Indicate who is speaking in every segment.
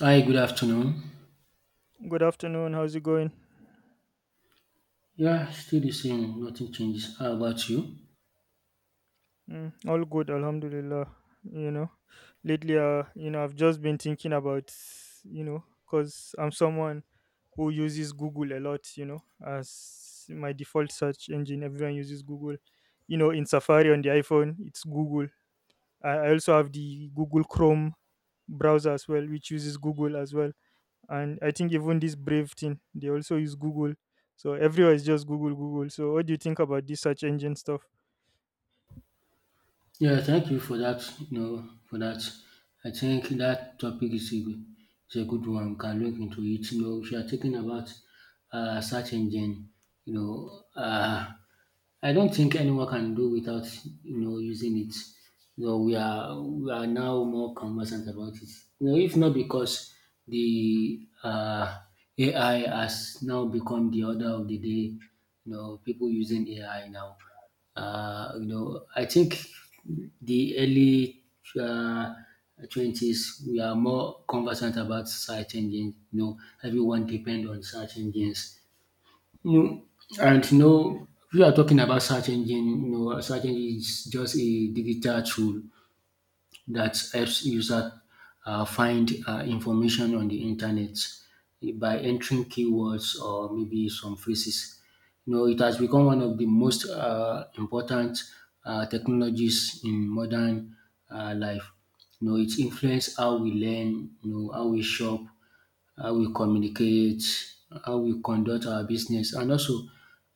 Speaker 1: Hi, good afternoon.
Speaker 2: Good afternoon. How's it going?
Speaker 1: Yeah, still the same. Nothing changes. How about you?
Speaker 2: Mm, all good, Alhamdulillah. You know, I've just been thinking about, because I'm someone who uses Google a lot, you know, as my default search engine. Everyone uses Google. You know, in Safari on the iPhone, it's Google. I also have the Google Chrome browser as well, which uses Google as well. And I think even this Brave thing, they also use Google. So everywhere is just Google, Google. So what do you think about this search engine stuff?
Speaker 1: Yeah, thank you for that. You know, for that. I think that topic is a good one. We can look into it. You know, if you are talking about search engine, you know, uh, I don't think anyone can do without using it. No, we are now more conversant about it. You know, if not because the AI has now become the order of the day, you know, people using AI now. I think the early uh, twenties, we are more conversant about search engines. You know, everyone depend on search engines. No, and no, we are talking about search engine. You know, search engine is just a digital tool that helps users find information on the internet by entering keywords or maybe some phrases. You know, it has become one of the most important technologies in modern life. You know, it influences how we learn, you know, how we shop, how we communicate, how we conduct our business, and also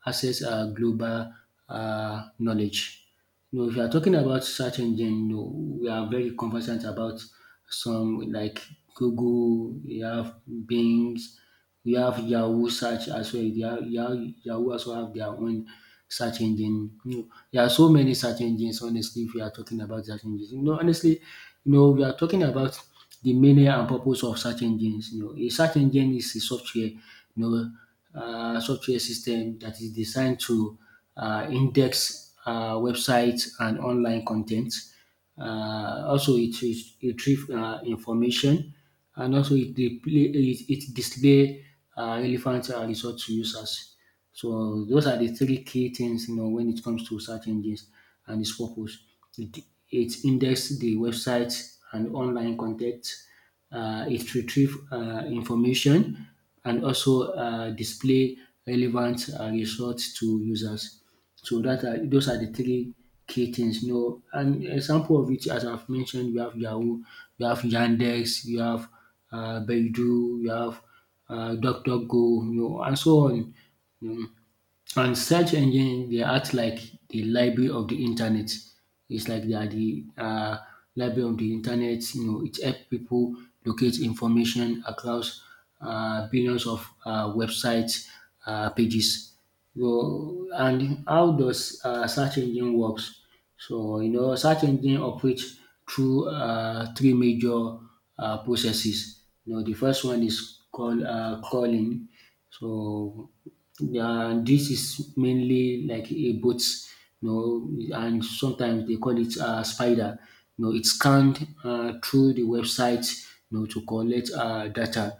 Speaker 1: access our global knowledge. You know, if you are talking about search engine, you know, we are very conversant about some like Google. We have Bing's, we have Yahoo search as well. Yahoo also have their own search engine. You know, there are so many search engines, honestly, if you are talking about search engines. You know, honestly, you know, we are talking about the meaning and purpose of search engines. You know, a search engine is a software, know, software system that is designed to index websites and online content. Also, it retrieve information, and also it display relevant results to users. So those are the three key things, you know, when it comes to search engines and its purpose. It, it index the website and online content, it retrieve information, and also display relevant results to users. So those are the three key things. You know, an example of it, as I've mentioned, you have Yahoo, you have Yandex, you have Baidu, you have DuckDuckGo, you know, and so on. You know. And search engine they act like the library of the internet. It's like they are the library of the internet. You know, it helps people locate information across billions of websites, pages. So, and how does search engine works? So you know, search engine operates through three major processes. You know, the first one is called crawling. So yeah, this is mainly like a boat, you know, and sometimes they call it spider. You know, it scanned through the website, you know, to collect data.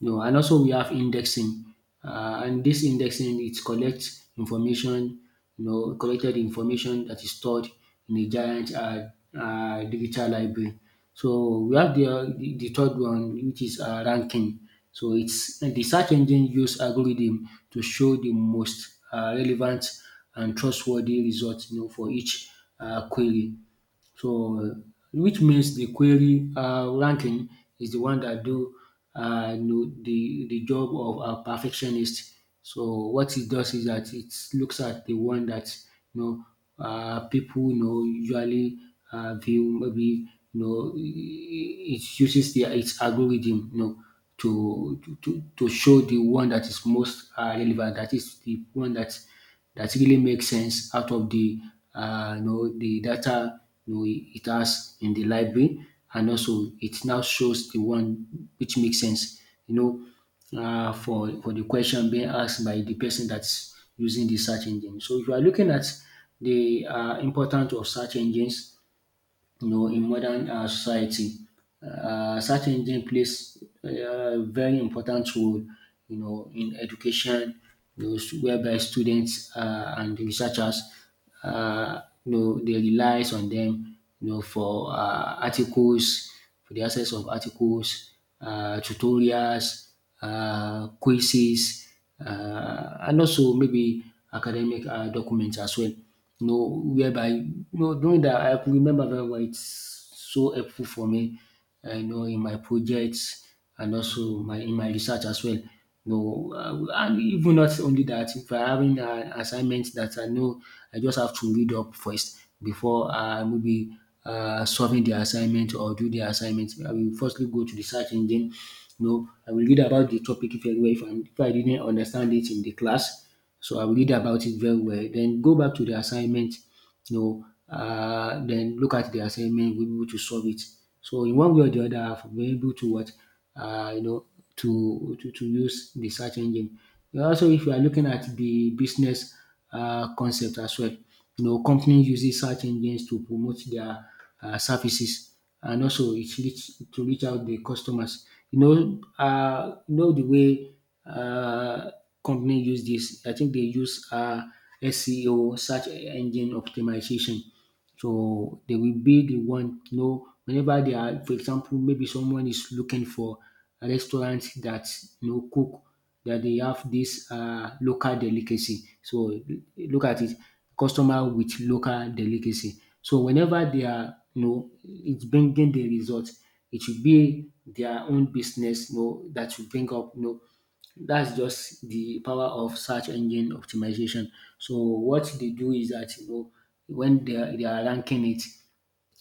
Speaker 1: You know, and also we have indexing, and this indexing, it collects information, you know, collected information that is stored in a giant digital library. So we have the third one, which is ranking. So it's the search engine use algorithm to show the most relevant and trustworthy results, you know, for each query. So which means the query ranking is the one that do, you know, the job of a perfectionist. So what it does is that it looks at the one that you people, you know, usually view, maybe you know, it uses the its algorithm, you know, to show the one that is most relevant, that is the one that that really makes sense out of the, the data, you know, it has in the library, and also it now shows the one which makes sense. You for the question being asked by the person that's using the search engine. So if you are looking at the importance of search engines, you know, in modern society. Search engine plays a very important role, you know, in education, you know, whereby students and researchers, you know, they relies on them, you know, for articles, for the access of articles, tutorials, quizzes, and also maybe academic documents as well. You know, whereby you know during that I could remember very well. It's so helpful for me. I know in my projects and also my in my research as well. No, and even not only that, if I'm having an assignment that I know I just have to read up first before I maybe solving the assignment or do the assignment, I will firstly go to the search engine. You know, I will read about the topic very well. If I didn't understand it in the class, so I will read about it very well, then go back to the assignment, you know. Then look at the assignment, we'll be able to solve it. So in one way or the other, I've been able to what, you know to use the search engine. And also if you are looking at the business concept as well, you know companies uses search engines to promote their services, and also it reach to reach out the customers. You know uh, the way uh, company use this, I think they use SEO, search engine optimization. So they will be the one, you know, whenever they are, for example, maybe someone is looking for a restaurant that you know cook, that they have this local delicacy. So look at it, customer with local delicacy. So whenever they are, you know, it's bringing the result. It should be their own business, you know, that should bring up, you know, that's just the power of search engine optimization. So what they do is that you know when they are ranking it,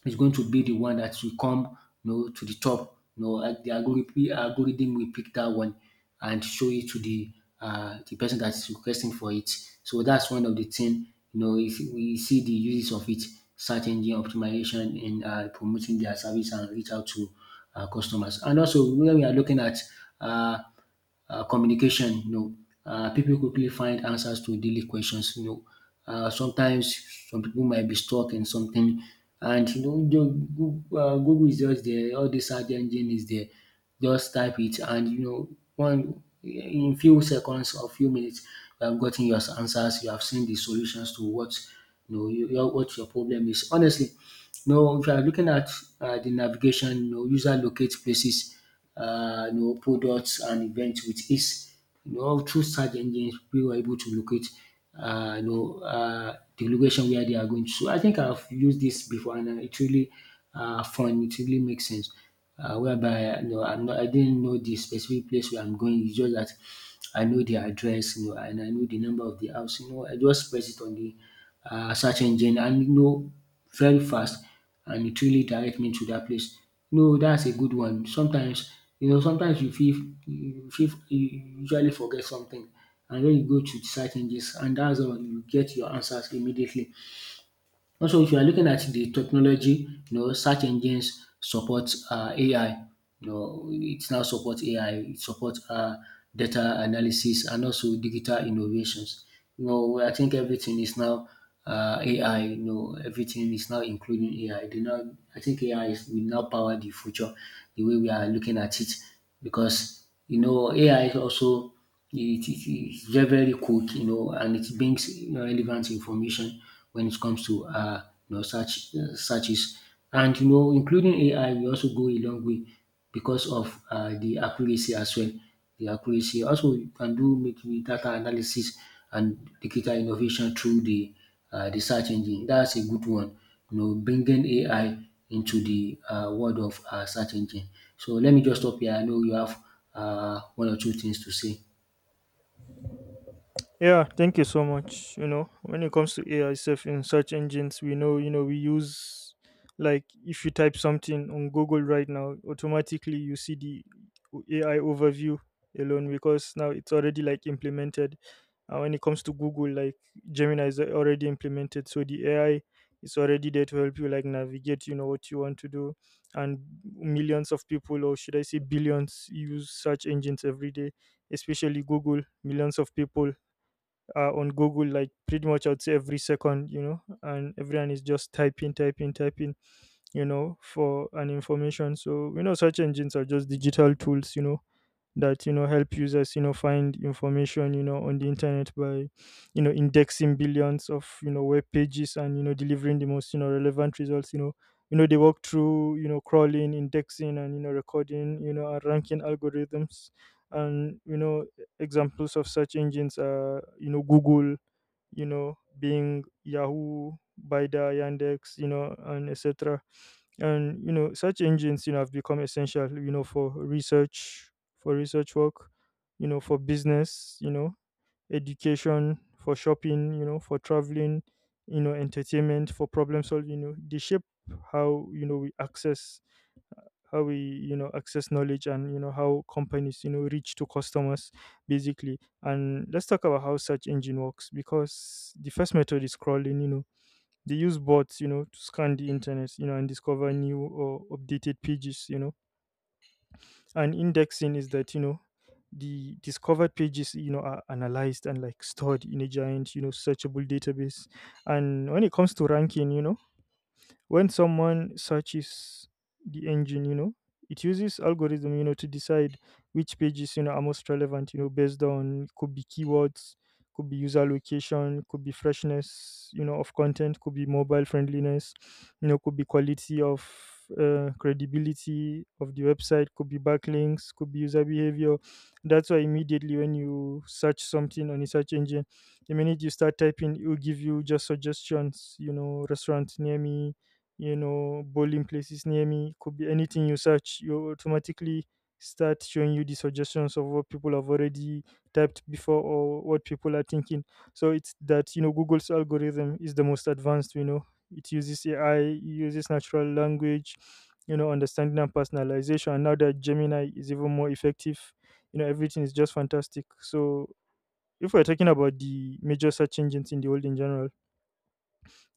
Speaker 1: it's going to be the one that will come, you know, to the top. The algorithm will pick that one and show it to the person that's requesting for it. So that's one of the thing. You know, if we see the uses of it, search engine optimization in promoting their service and reach out to customers. And also when we are looking at uh, communication, you know, people quickly find answers to daily questions. You know, sometimes some people might be stuck in something, and you know, Google is just there. All the search engine is there. Just type it, and you know, one in few seconds or few minutes, you have gotten your answers. You have seen the solutions to what you know what your problem is. Honestly, now, if you are looking at the navigation, you know, user locate places, you know, products and events with ease. You know, through search engines, we were able to locate, the location where they are going. So I think I've used this before, and it really fun. It really makes sense. Whereby you know, I didn't know the specific place where I'm going. It's just that I know the address, you know, and I know the number of the house. You know, I just press it on the search engine, and you know very fast, and it really direct me to that place. No, that's a good one. Sometimes you know sometimes you feel, you fit you usually forget something, and wen you go to search engines, and that's all, you get your answers immediately. Also, if you are looking at the technology, you know, search engines support AI. You know, it now supports AI. It supports data analysis and also digital innovations. You know, I think everything is now AI. You know, everything is now including AI. They now, I think AI is, will now power the future, the way we are looking at it, because you know, AI is also it is very, very quick, you know, and it brings relevant information when it comes to, searches. And you know, including AI will also go a long way because of the accuracy as well. The accuracy, also you can do maybe data analysis and digital innovation through the search engine. That's a good one. You know, bringing AI into the world of search engine. So let me just stop here. I know you have one or two things to say.
Speaker 2: Yeah, thank you so much. You know, when it comes to AI stuff in search engines, we know, you know, we use like if you type something on Google right now, automatically you see the AI overview alone because now it's already like implemented. And when it comes to Google, like Gemini is already implemented, so the AI is already there to help you like navigate, you know, what you want to do. And millions of people, or should I say billions, use search engines every day, especially Google. Millions of people on Google, like pretty much I'd say every second, you know, and everyone is just typing, typing, typing, you know, for an information. So, you know, search engines are just digital tools, you know, that, you know, help users, you know, find information, you know, on the internet by, you know, indexing billions of, you know, web pages and, you know, delivering the most, you know, relevant results, you know. You know, they work through, you know, crawling, indexing, and, you know, recording, you know, and ranking algorithms. And, you know, examples of search engines are, you know, Google, you know, Bing, Yahoo, Baidu, Yandex, you know, and etc. And you know, search engines, you know, have become essential, you know, for research work, you know, for business, you know, education, for shopping, you know, for traveling, you know, entertainment, for problem solving. You know, they shape how you know we access how we, you know, access knowledge, and you know how companies, you know, reach to customers basically. And let's talk about how search engine works, because the first method is crawling. You know, they use bots, you know, to scan the internet, you know, and discover new or updated pages. You know, and indexing is that, you know, the discovered pages, you know, are analyzed and like stored in a giant, you know, searchable database. And when it comes to ranking, you know, when someone searches the engine, you know, it uses algorithm, you know, to decide which pages, you know, are most relevant, you know, based on, could be keywords, could be user location, could be freshness, you know, of content, could be mobile friendliness, you know, could be quality of, credibility of the website, could be backlinks, could be user behavior. That's why immediately when you search something on a search engine, the minute you start typing, it will give you just suggestions, you know, restaurant near me, you know, bowling places near me, could be anything you search, you automatically start showing you the suggestions of what people have already typed before or what people are thinking. So it's that, you know, Google's algorithm is the most advanced, you know. It uses AI, it uses natural language, you know, understanding and personalization, and now that Gemini is even more effective, you know, everything is just fantastic. So if we're talking about the major search engines in the world in general,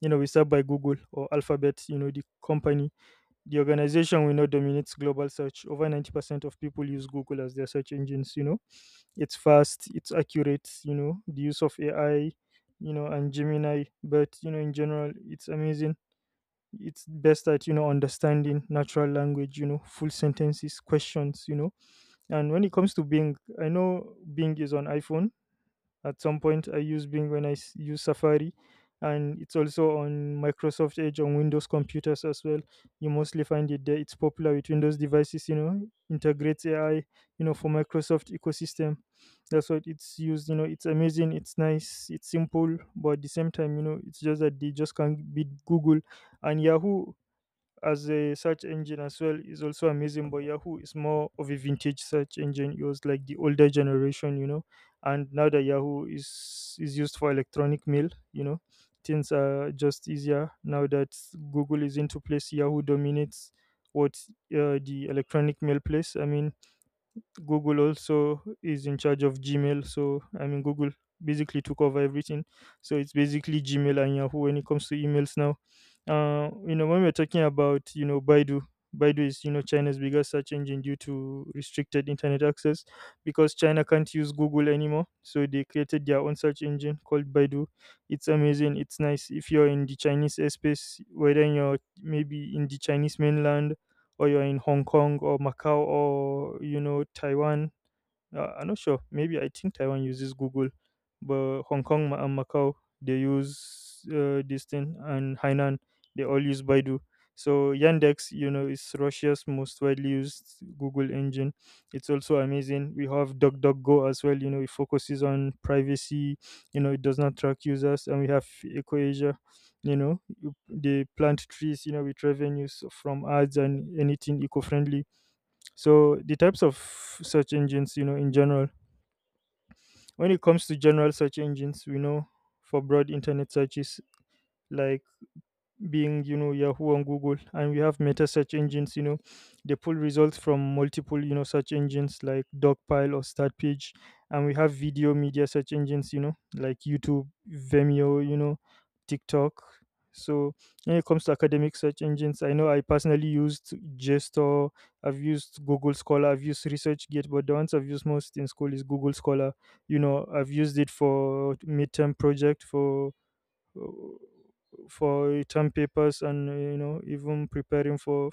Speaker 2: you know, we start by Google, or Alphabet, you know, the company, the organization. We know dominates global search. Over 90% of people use Google as their search engines, you know. It's fast, it's accurate, you know, the use of AI, you know, and Gemini. But, you know, in general, it's amazing. It's best at, you know, understanding natural language, you know, full sentences, questions, you know. And when it comes to Bing, I know Bing is on iPhone at some point. I use Bing when use Safari, and it's also on Microsoft Edge on Windows computers as well. You mostly find it there. It's popular with Windows devices, you know, integrates AI, you know, for Microsoft ecosystem. That's what it's used. You know, it's amazing, it's nice, it's simple, but at the same time, you know, it's just that they just can't beat Google. And Yahoo as a search engine as well is also amazing, but Yahoo is more of a vintage search engine. It was like the older generation, you know. And now that Yahoo is used for electronic mail, you know, things are just easier. Now that Google is into place, Yahoo dominates, what, the electronic mail place, I mean. Google also is in charge of Gmail. So, I mean, Google basically took over everything. So, it's basically Gmail and Yahoo when it comes to emails now. You know, when we're talking about, you know, Baidu, Baidu is, you know, China's biggest search engine due to restricted internet access, because China can't use Google anymore. So, they created their own search engine called Baidu. It's amazing, it's nice. If you're in the Chinese space, whether you're maybe in the Chinese mainland, or you're in Hong Kong or Macau, or you know Taiwan, I'm not sure. Maybe I think Taiwan uses Google, but Hong Kong and Macau, they use this thing, and Hainan, they all use Baidu. So Yandex, you know, is Russia's most widely used Google engine. It's also amazing. We have DuckDuckGo as well. You know, it focuses on privacy. You know, it does not track users, and we have EcoAsia. You know, they plant trees, you know, with revenues from ads and anything eco-friendly. So the types of search engines, you know, in general. When it comes to general search engines, we know, for broad internet searches like Being, you know, Yahoo and Google. And we have meta search engines, you know, they pull results from multiple, you know, search engines like Dogpile or Startpage. And we have video media search engines, you know, like YouTube, Vimeo, you know, TikTok. So when it comes to academic search engines, I know I personally used JSTOR, I've used Google Scholar, I've used ResearchGate, but the ones I've used most in school is Google Scholar. You know, I've used it for midterm project, uh, for term papers, and you know, even preparing for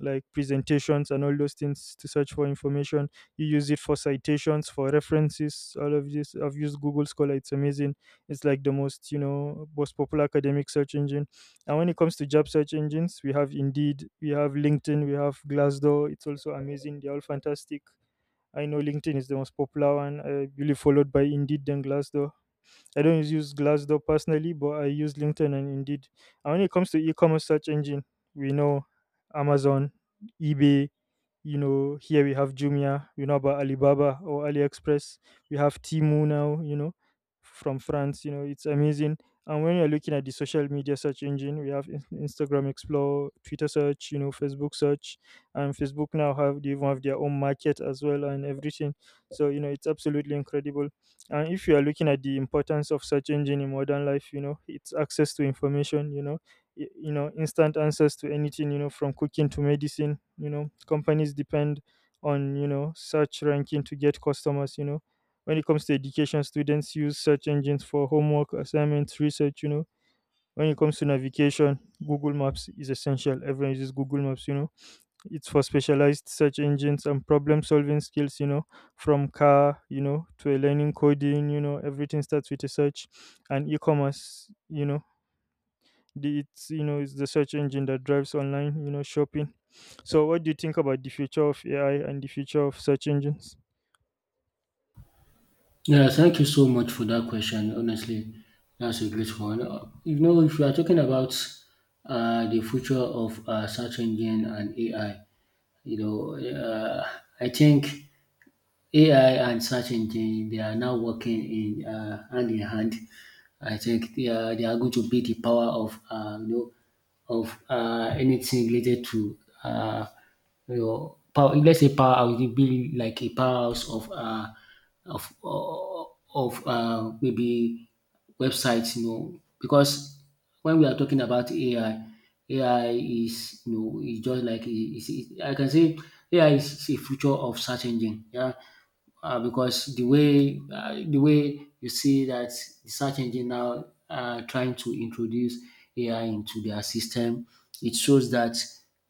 Speaker 2: like presentations and all those things, to search for information. You use it for citations, for references. All of this, I've used Google Scholar. It's amazing. It's like the most, you know, most popular academic search engine. And when it comes to job search engines, we have Indeed, we have LinkedIn, we have Glassdoor. It's also amazing, they're all fantastic. I know LinkedIn is the most popular one, I believe, followed by Indeed, then Glassdoor. I don't use Glassdoor personally, but I use LinkedIn and Indeed. And when it comes to e-commerce search engine, we know Amazon, eBay. You know, here we have Jumia. We know about Alibaba or AliExpress. We have Timu now, you know, from France. You know, it's amazing. And when you're looking at the social media search engine, we have Instagram Explore, Twitter search, you know, Facebook search, and Facebook now have, they even have their own market as well, and everything. So you know, it's absolutely incredible. And if you are looking at the importance of search engine in modern life, you know, it's access to information, you know, you know, instant answers to anything, you know, from cooking to medicine, you know, companies depend on, you know, search ranking to get customers, you know. When it comes to education, students use search engines for homework, assignments, research, you know. When it comes to navigation, Google Maps is essential. Everyone uses Google Maps, you know. It's for specialized search engines and problem solving skills, you know, from car, you know, to a learning coding, you know, everything starts with a search. And e-commerce, you know, it's, you know, it's the search engine that drives online, you know, shopping. So what do you think about the future of AI and the future of search engines?
Speaker 1: Yeah, thank you so much for that question. Honestly, that's a great one. If you are talking about the future of search engine and AI, you know, uh, I think AI and search engine, they are now working in hand in hand. I think they are going to be the power of anything related to uh, power. Let's say power, it will be like a powerhouse of of uh, maybe websites, you know, because when we are talking about AI, AI is is just like I can say AI is a future of search engine. Yeah, because the way you see that the search engine now are trying to introduce AI into their system, it shows that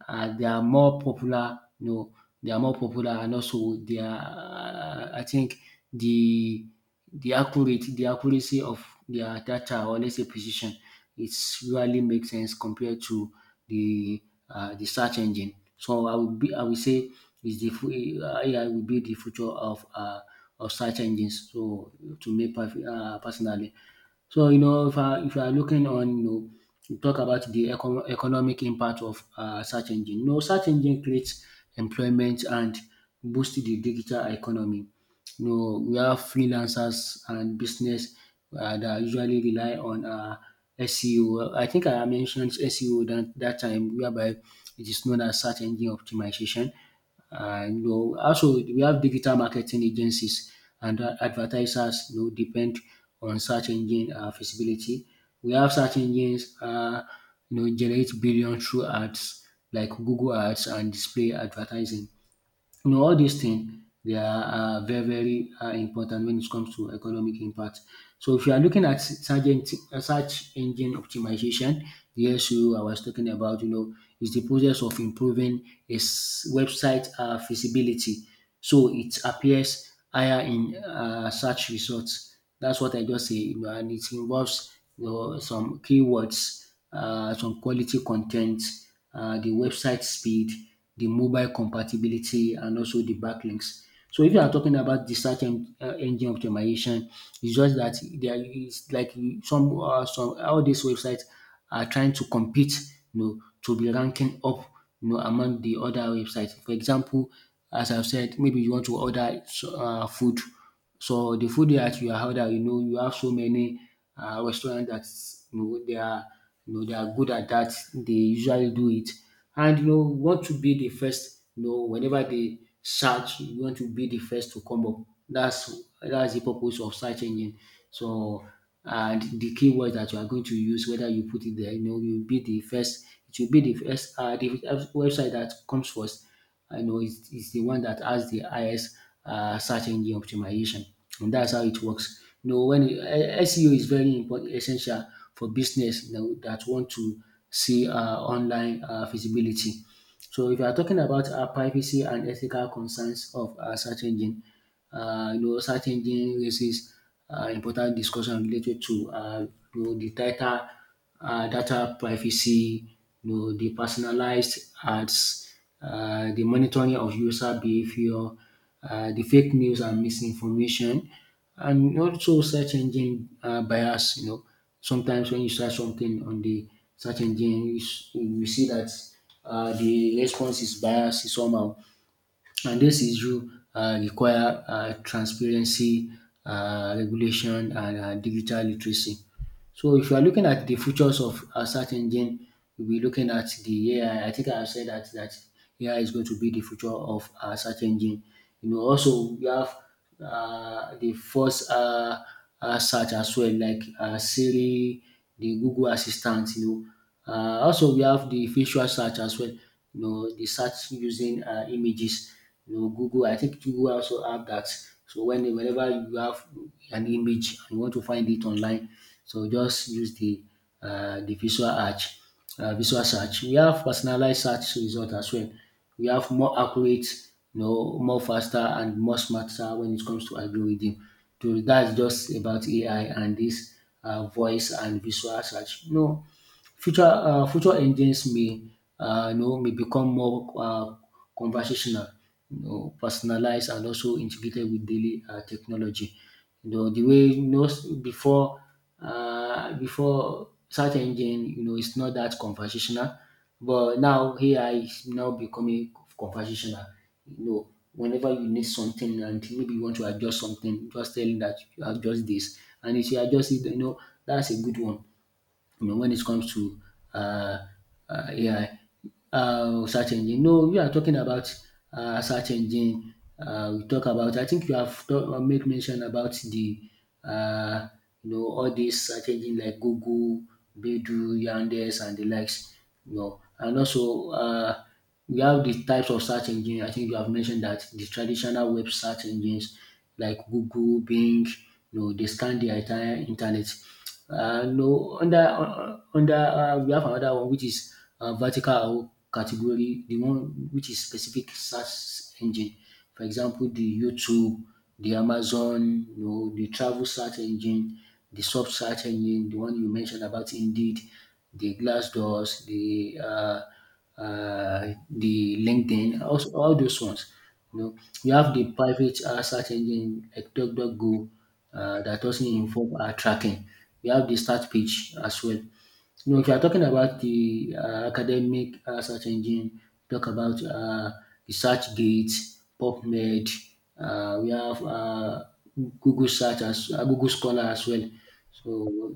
Speaker 1: they are more popular. You know, they are more popular, and also they are. I think the the accuracy of their data, or let's say precision, it's really makes sense compared to the the search engine. So I would say is the fu- AI will be the future of search engines. So to me, personally, if I if you are looking on, you talk about the economic impact of search engine. You know, search engine creates employment and boost the digital economy. No, we have freelancers and business that usually rely on SEO. I think I mentioned SEO that time, whereby it is known as search engine optimization. Also we have digital marketing agencies and advertisers. You know, depend on search engine feasibility. We have search engines, generate billion through ads like Google ads and display advertising. You know, all these things they are very, very important when it comes to economic impact. So if you are looking at search engine optimization, the SEO I was talking about, you know, is the process of improving a website feasibility, so it appears higher in search results. That's what I just say, you know, and it involves, you know, some keywords, some quality content, the website speed, the mobile compatibility, and also the backlinks. So if you are talking about the engine optimization, it's just that there is like some, all these websites are trying to compete, you know, to be ranking up, you know, among the other websites. For example, as I've said, maybe you want to order food. So the food that you are order, you know, you have so many restaurants that, you know, they are, you know, they are good at that. They usually do it. And you know you want to be the first, you know, whenever they search you want to be the first to come up. That's the purpose of search engine. So and the keyword that you are going to use, whether you put it there, you know, you will be the first. It will be the first, the website that comes first. I know it's the one that has the highest search engine optimization, and that's how it works. You know, SEO is very important, essential for business, you know, that want to see online visibility. So if you are talking about privacy and ethical concerns of search engine, search engine raises important discussion related to the title, data privacy, you know, the personalized ads, the monitoring of user behavior, the fake news and misinformation, and also search engine bias. You know, sometimes when you search something on the search engine, you see that the response is biased somehow, and this issue require transparency, regulation, and digital literacy. So if you are looking at the futures of a search engine, you'll be looking at the AI. I think I have said that AI is going to be the future of a search engine. You know, also we have the first search as well, like Siri, the Google Assistant. You know, also we have the visual search as well. You know, the search using images, you know, Google. I think Google also have that. So whenever you have an image and you want to find it online, so just use the visual search. Visual search. We have personalized search result as well. We have more accurate, you know, more faster and more smarter when it comes to algorithm. So that's just about AI and this voice and visual search. No. Future engines may, may become more conversational, you know, personalized, and also integrated with daily technology. You know, the way you know before before search engine, you know, it's not that conversational, but now AI is now becoming conversational. You know, whenever you need something and maybe you want to adjust something, just telling that you adjust this, and if you adjust it, you know, that's a good one, you know, when it comes to uh, AI search engine. No, we are talking about search engine. We talk about. I think you have made mention about the uh, all these search engine like Google, Baidu, Yandex, and the likes. You know, and also we have the types of search engine. I think you have mentioned that the traditional web search engines like Google, Bing, you know, they scan the entire internet. No, under under We have another one which is vertical category, the one which is specific search engine. For example, the YouTube, the Amazon, you know, the travel search engine, the soft search engine, the one you mentioned about Indeed, the Glassdoors, uh, the LinkedIn, also all those ones. You know, you have the private search engine like DuckDuckGo, that also involve tracking. You have the start page as well. You know, if you are talking about the academic search engine, talk about the SearchGate, PubMed. We have Google Search as Google Scholar as well. So,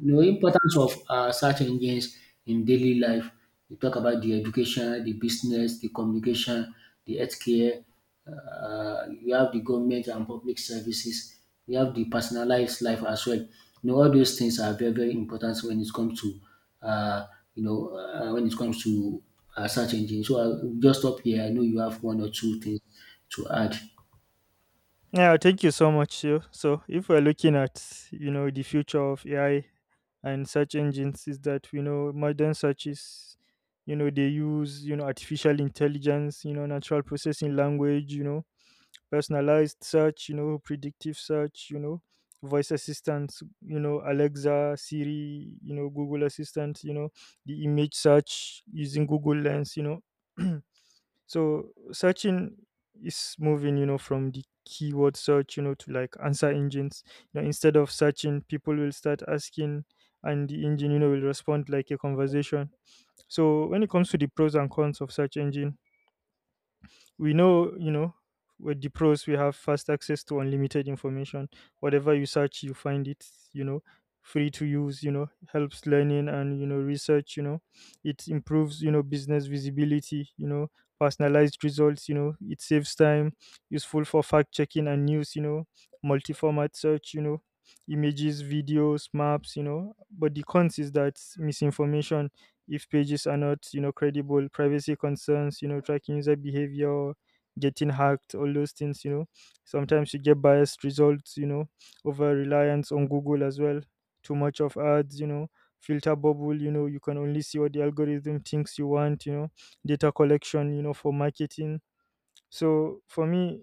Speaker 1: you know, importance of search engines in daily life. We talk about the education, the business, the communication, the healthcare. We have the government and public services. You have the personalized life as well. You know, all those things are very, very important when it comes to, uh, when it comes to search engine. So I'll just stop here. I know you have one or two things to add.
Speaker 2: Yeah, thank you so much. So, so if we're looking at you know the future of AI and search engines, is that, you know, modern searches, you know, they use, you know, artificial intelligence, you know, natural processing language, you know, personalized search, you know, predictive search, you know, voice assistants, you know, Alexa, Siri, you know, Google Assistant, you know, the image search using Google Lens, you know. So searching is moving, you know, from the keyword search, you know, to like answer engines. You know, instead of searching, people will start asking, and the engine, you know, will respond like a conversation. So when it comes to the pros and cons of search engine, we know, with the pros we have fast access to unlimited information. Whatever you search, you find it you know Free to use. Helps learning and research. It improves business visibility. Personalized results. It saves time. Useful for fact checking and news. Multi-format search. Images, videos, maps, but the cons is that misinformation if pages are not credible. Privacy concerns, tracking user behavior, getting hacked, all those things. Sometimes you get biased results. Over reliance on Google as well. Too much of ads. Filter bubble. You can only see what the algorithm thinks you want. Data collection for marketing. So for me,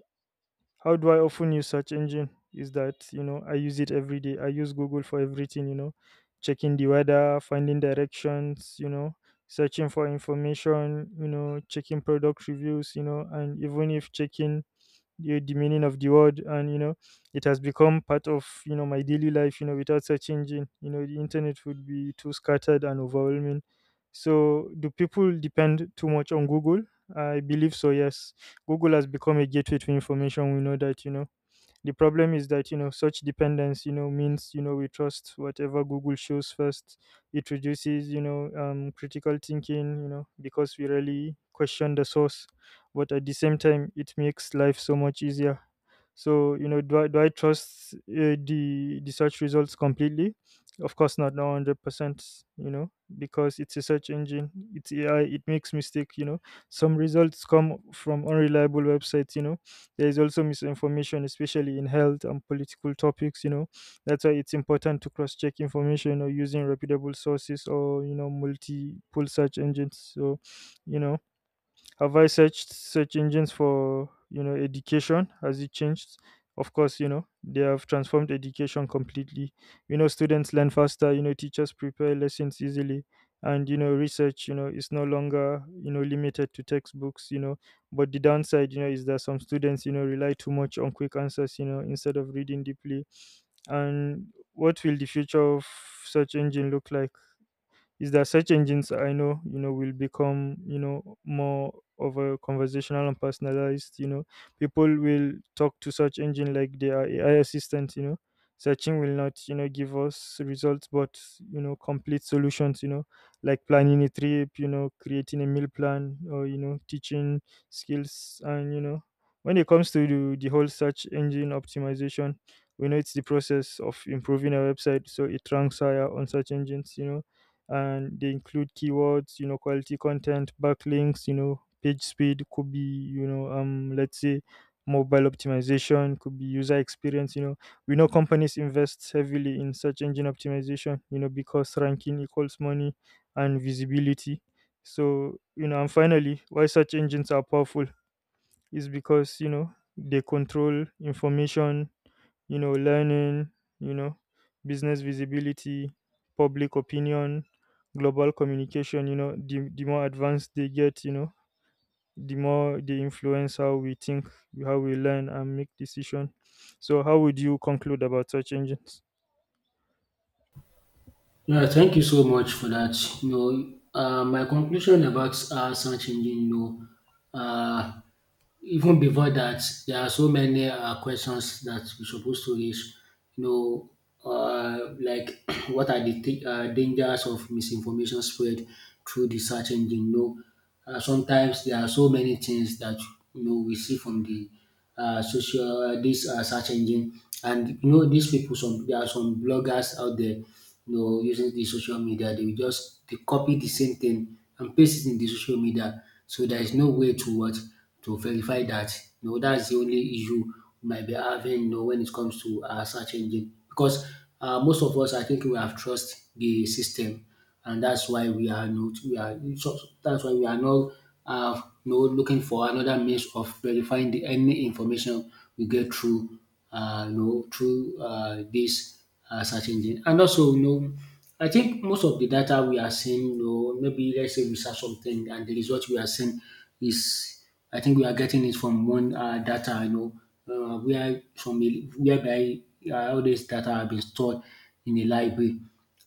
Speaker 2: how do I often use search engine? Is that, I use it every day. I use Google for everything. Checking the weather, finding directions. Searching for information. Checking product reviews. And even if checking the meaning of the word. And it has become part of my daily life. Without such engine, the internet would be too scattered and overwhelming. So do people depend too much on Google? I believe so, yes. Google has become a gateway to information, we know that. The problem is that, such dependence, means, we trust whatever Google shows first. It reduces, critical thinking, because we really question the source. But at the same time, it makes life so much easier. So, do I trust the search results completely? Of course not, no 100%, because it's a search engine, it's AI, it makes mistake. Some results come from unreliable websites. There is also misinformation, especially in health and political topics. That's why it's important to cross-check information or using reputable sources or multiple search engines. So, you know have I searched search engines for, education? Has it changed? Of course, they have transformed education completely. Students learn faster, teachers prepare lessons easily. And, research, is no longer, limited to textbooks. But the downside, is that some students, rely too much on quick answers, instead of reading deeply. And what will the future of search engine look like? Is that search engines, I know, will become more of a conversational and personalized. People will talk to search engine like they are AI assistants. Searching will not give us results, but complete solutions. Like planning a trip, creating a meal plan, or teaching skills. And when it comes to the whole search engine optimization, we know it's the process of improving a website so it ranks higher on search engines. And they include keywords, quality content, backlinks, page speed. Could be, let's say, mobile optimization. Could be user experience. We know companies invest heavily in search engine optimization because ranking equals money and visibility. So, and finally, why search engines are powerful is because they control information, learning, you know, business visibility, public opinion, global communication, the more advanced they get, the more they influence how we think, how we learn and make decision. So how would you conclude about search engines?
Speaker 1: Yeah, thank you so much for that. You know, my conclusion about search engine, know, uh, even before that, there are so many questions that we supposed to raise. You know, like what are dangers of misinformation spread through the search engine? You know, sometimes there are so many things that, you know, we see from the social this search engine. And you know these people, some there are some bloggers out there, you know, using the social media. They will just they copy the same thing and paste it in the social media. So there is no way to what to verify that. You know, that's the only issue we might be having. You know, when it comes to search engine, because most of us, I think, we have trust the system, and that's why we are not we are so so that's why we are not looking for another means of verifying the any information we get through this search engine. And also, you know, I think most of the data we are seeing, you know, maybe let's say we search something and the result we are seeing is, I think we are getting it from one data, whereby all this data have been stored in a library.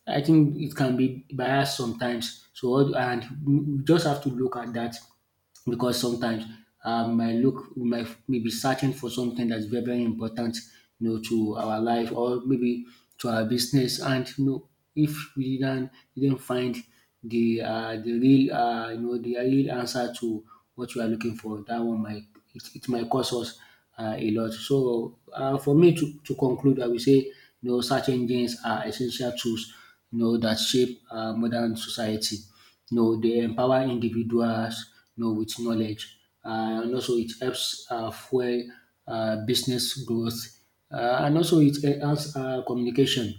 Speaker 1: I think it can be biased sometimes. So all- and We just have to look at that because sometimes I look we might maybe searching for something that's very, very important, you know, to our life, or maybe to our business, and you know if we didn't find the real you know the real answer to what we are looking for, that one might, it might cost us a lot. So for me, to conclude, I will say, you know, search engines are essential tools, you know, that shape modern society. You know, they empower individuals, you know, with knowledge, and also it helps fuel business growth, and also it enhances communication.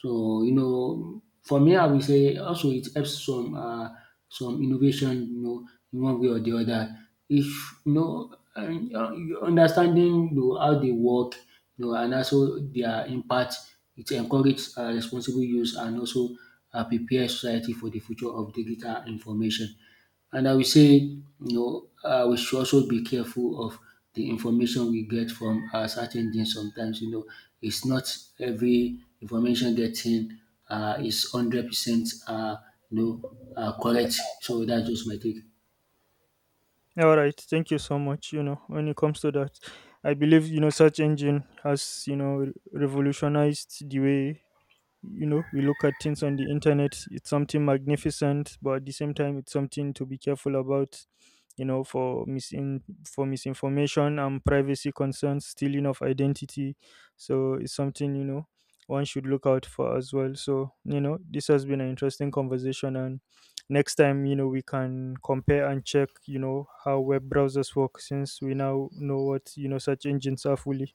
Speaker 1: So you know, for me, I will say also it helps some innovation, you know, in one way or the other. If you know, and, Understanding, you know, how they work, you know, and also their impact, it encourages responsible use and also prepare society for the future of digital information. And I will say, you know, we should also be careful of the information we get from search engines. Sometimes, you know, it's not every information getting is 100%, you know, correct. So that's just my take.
Speaker 2: All right, thank you so much. When it comes to that, I believe search engine has revolutionized the way we look at things on the internet. It's something magnificent, but at the same time, it's something to be careful about, for misin for misinformation and privacy concerns, stealing of identity. So it's something one should look out for as well. So, this has been an interesting conversation. And next time, we can compare and check how web browsers work, since we now know what search engines are fully.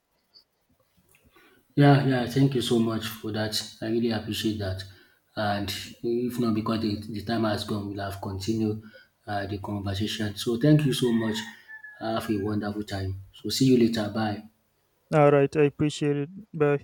Speaker 1: Yeah, yeah, thank you so much for that. I really appreciate that. And if not because the time has gone, we'll have continued the conversation. So thank you so much. Have a wonderful time. So see you later. Bye.
Speaker 2: All right, I appreciate it. Bye.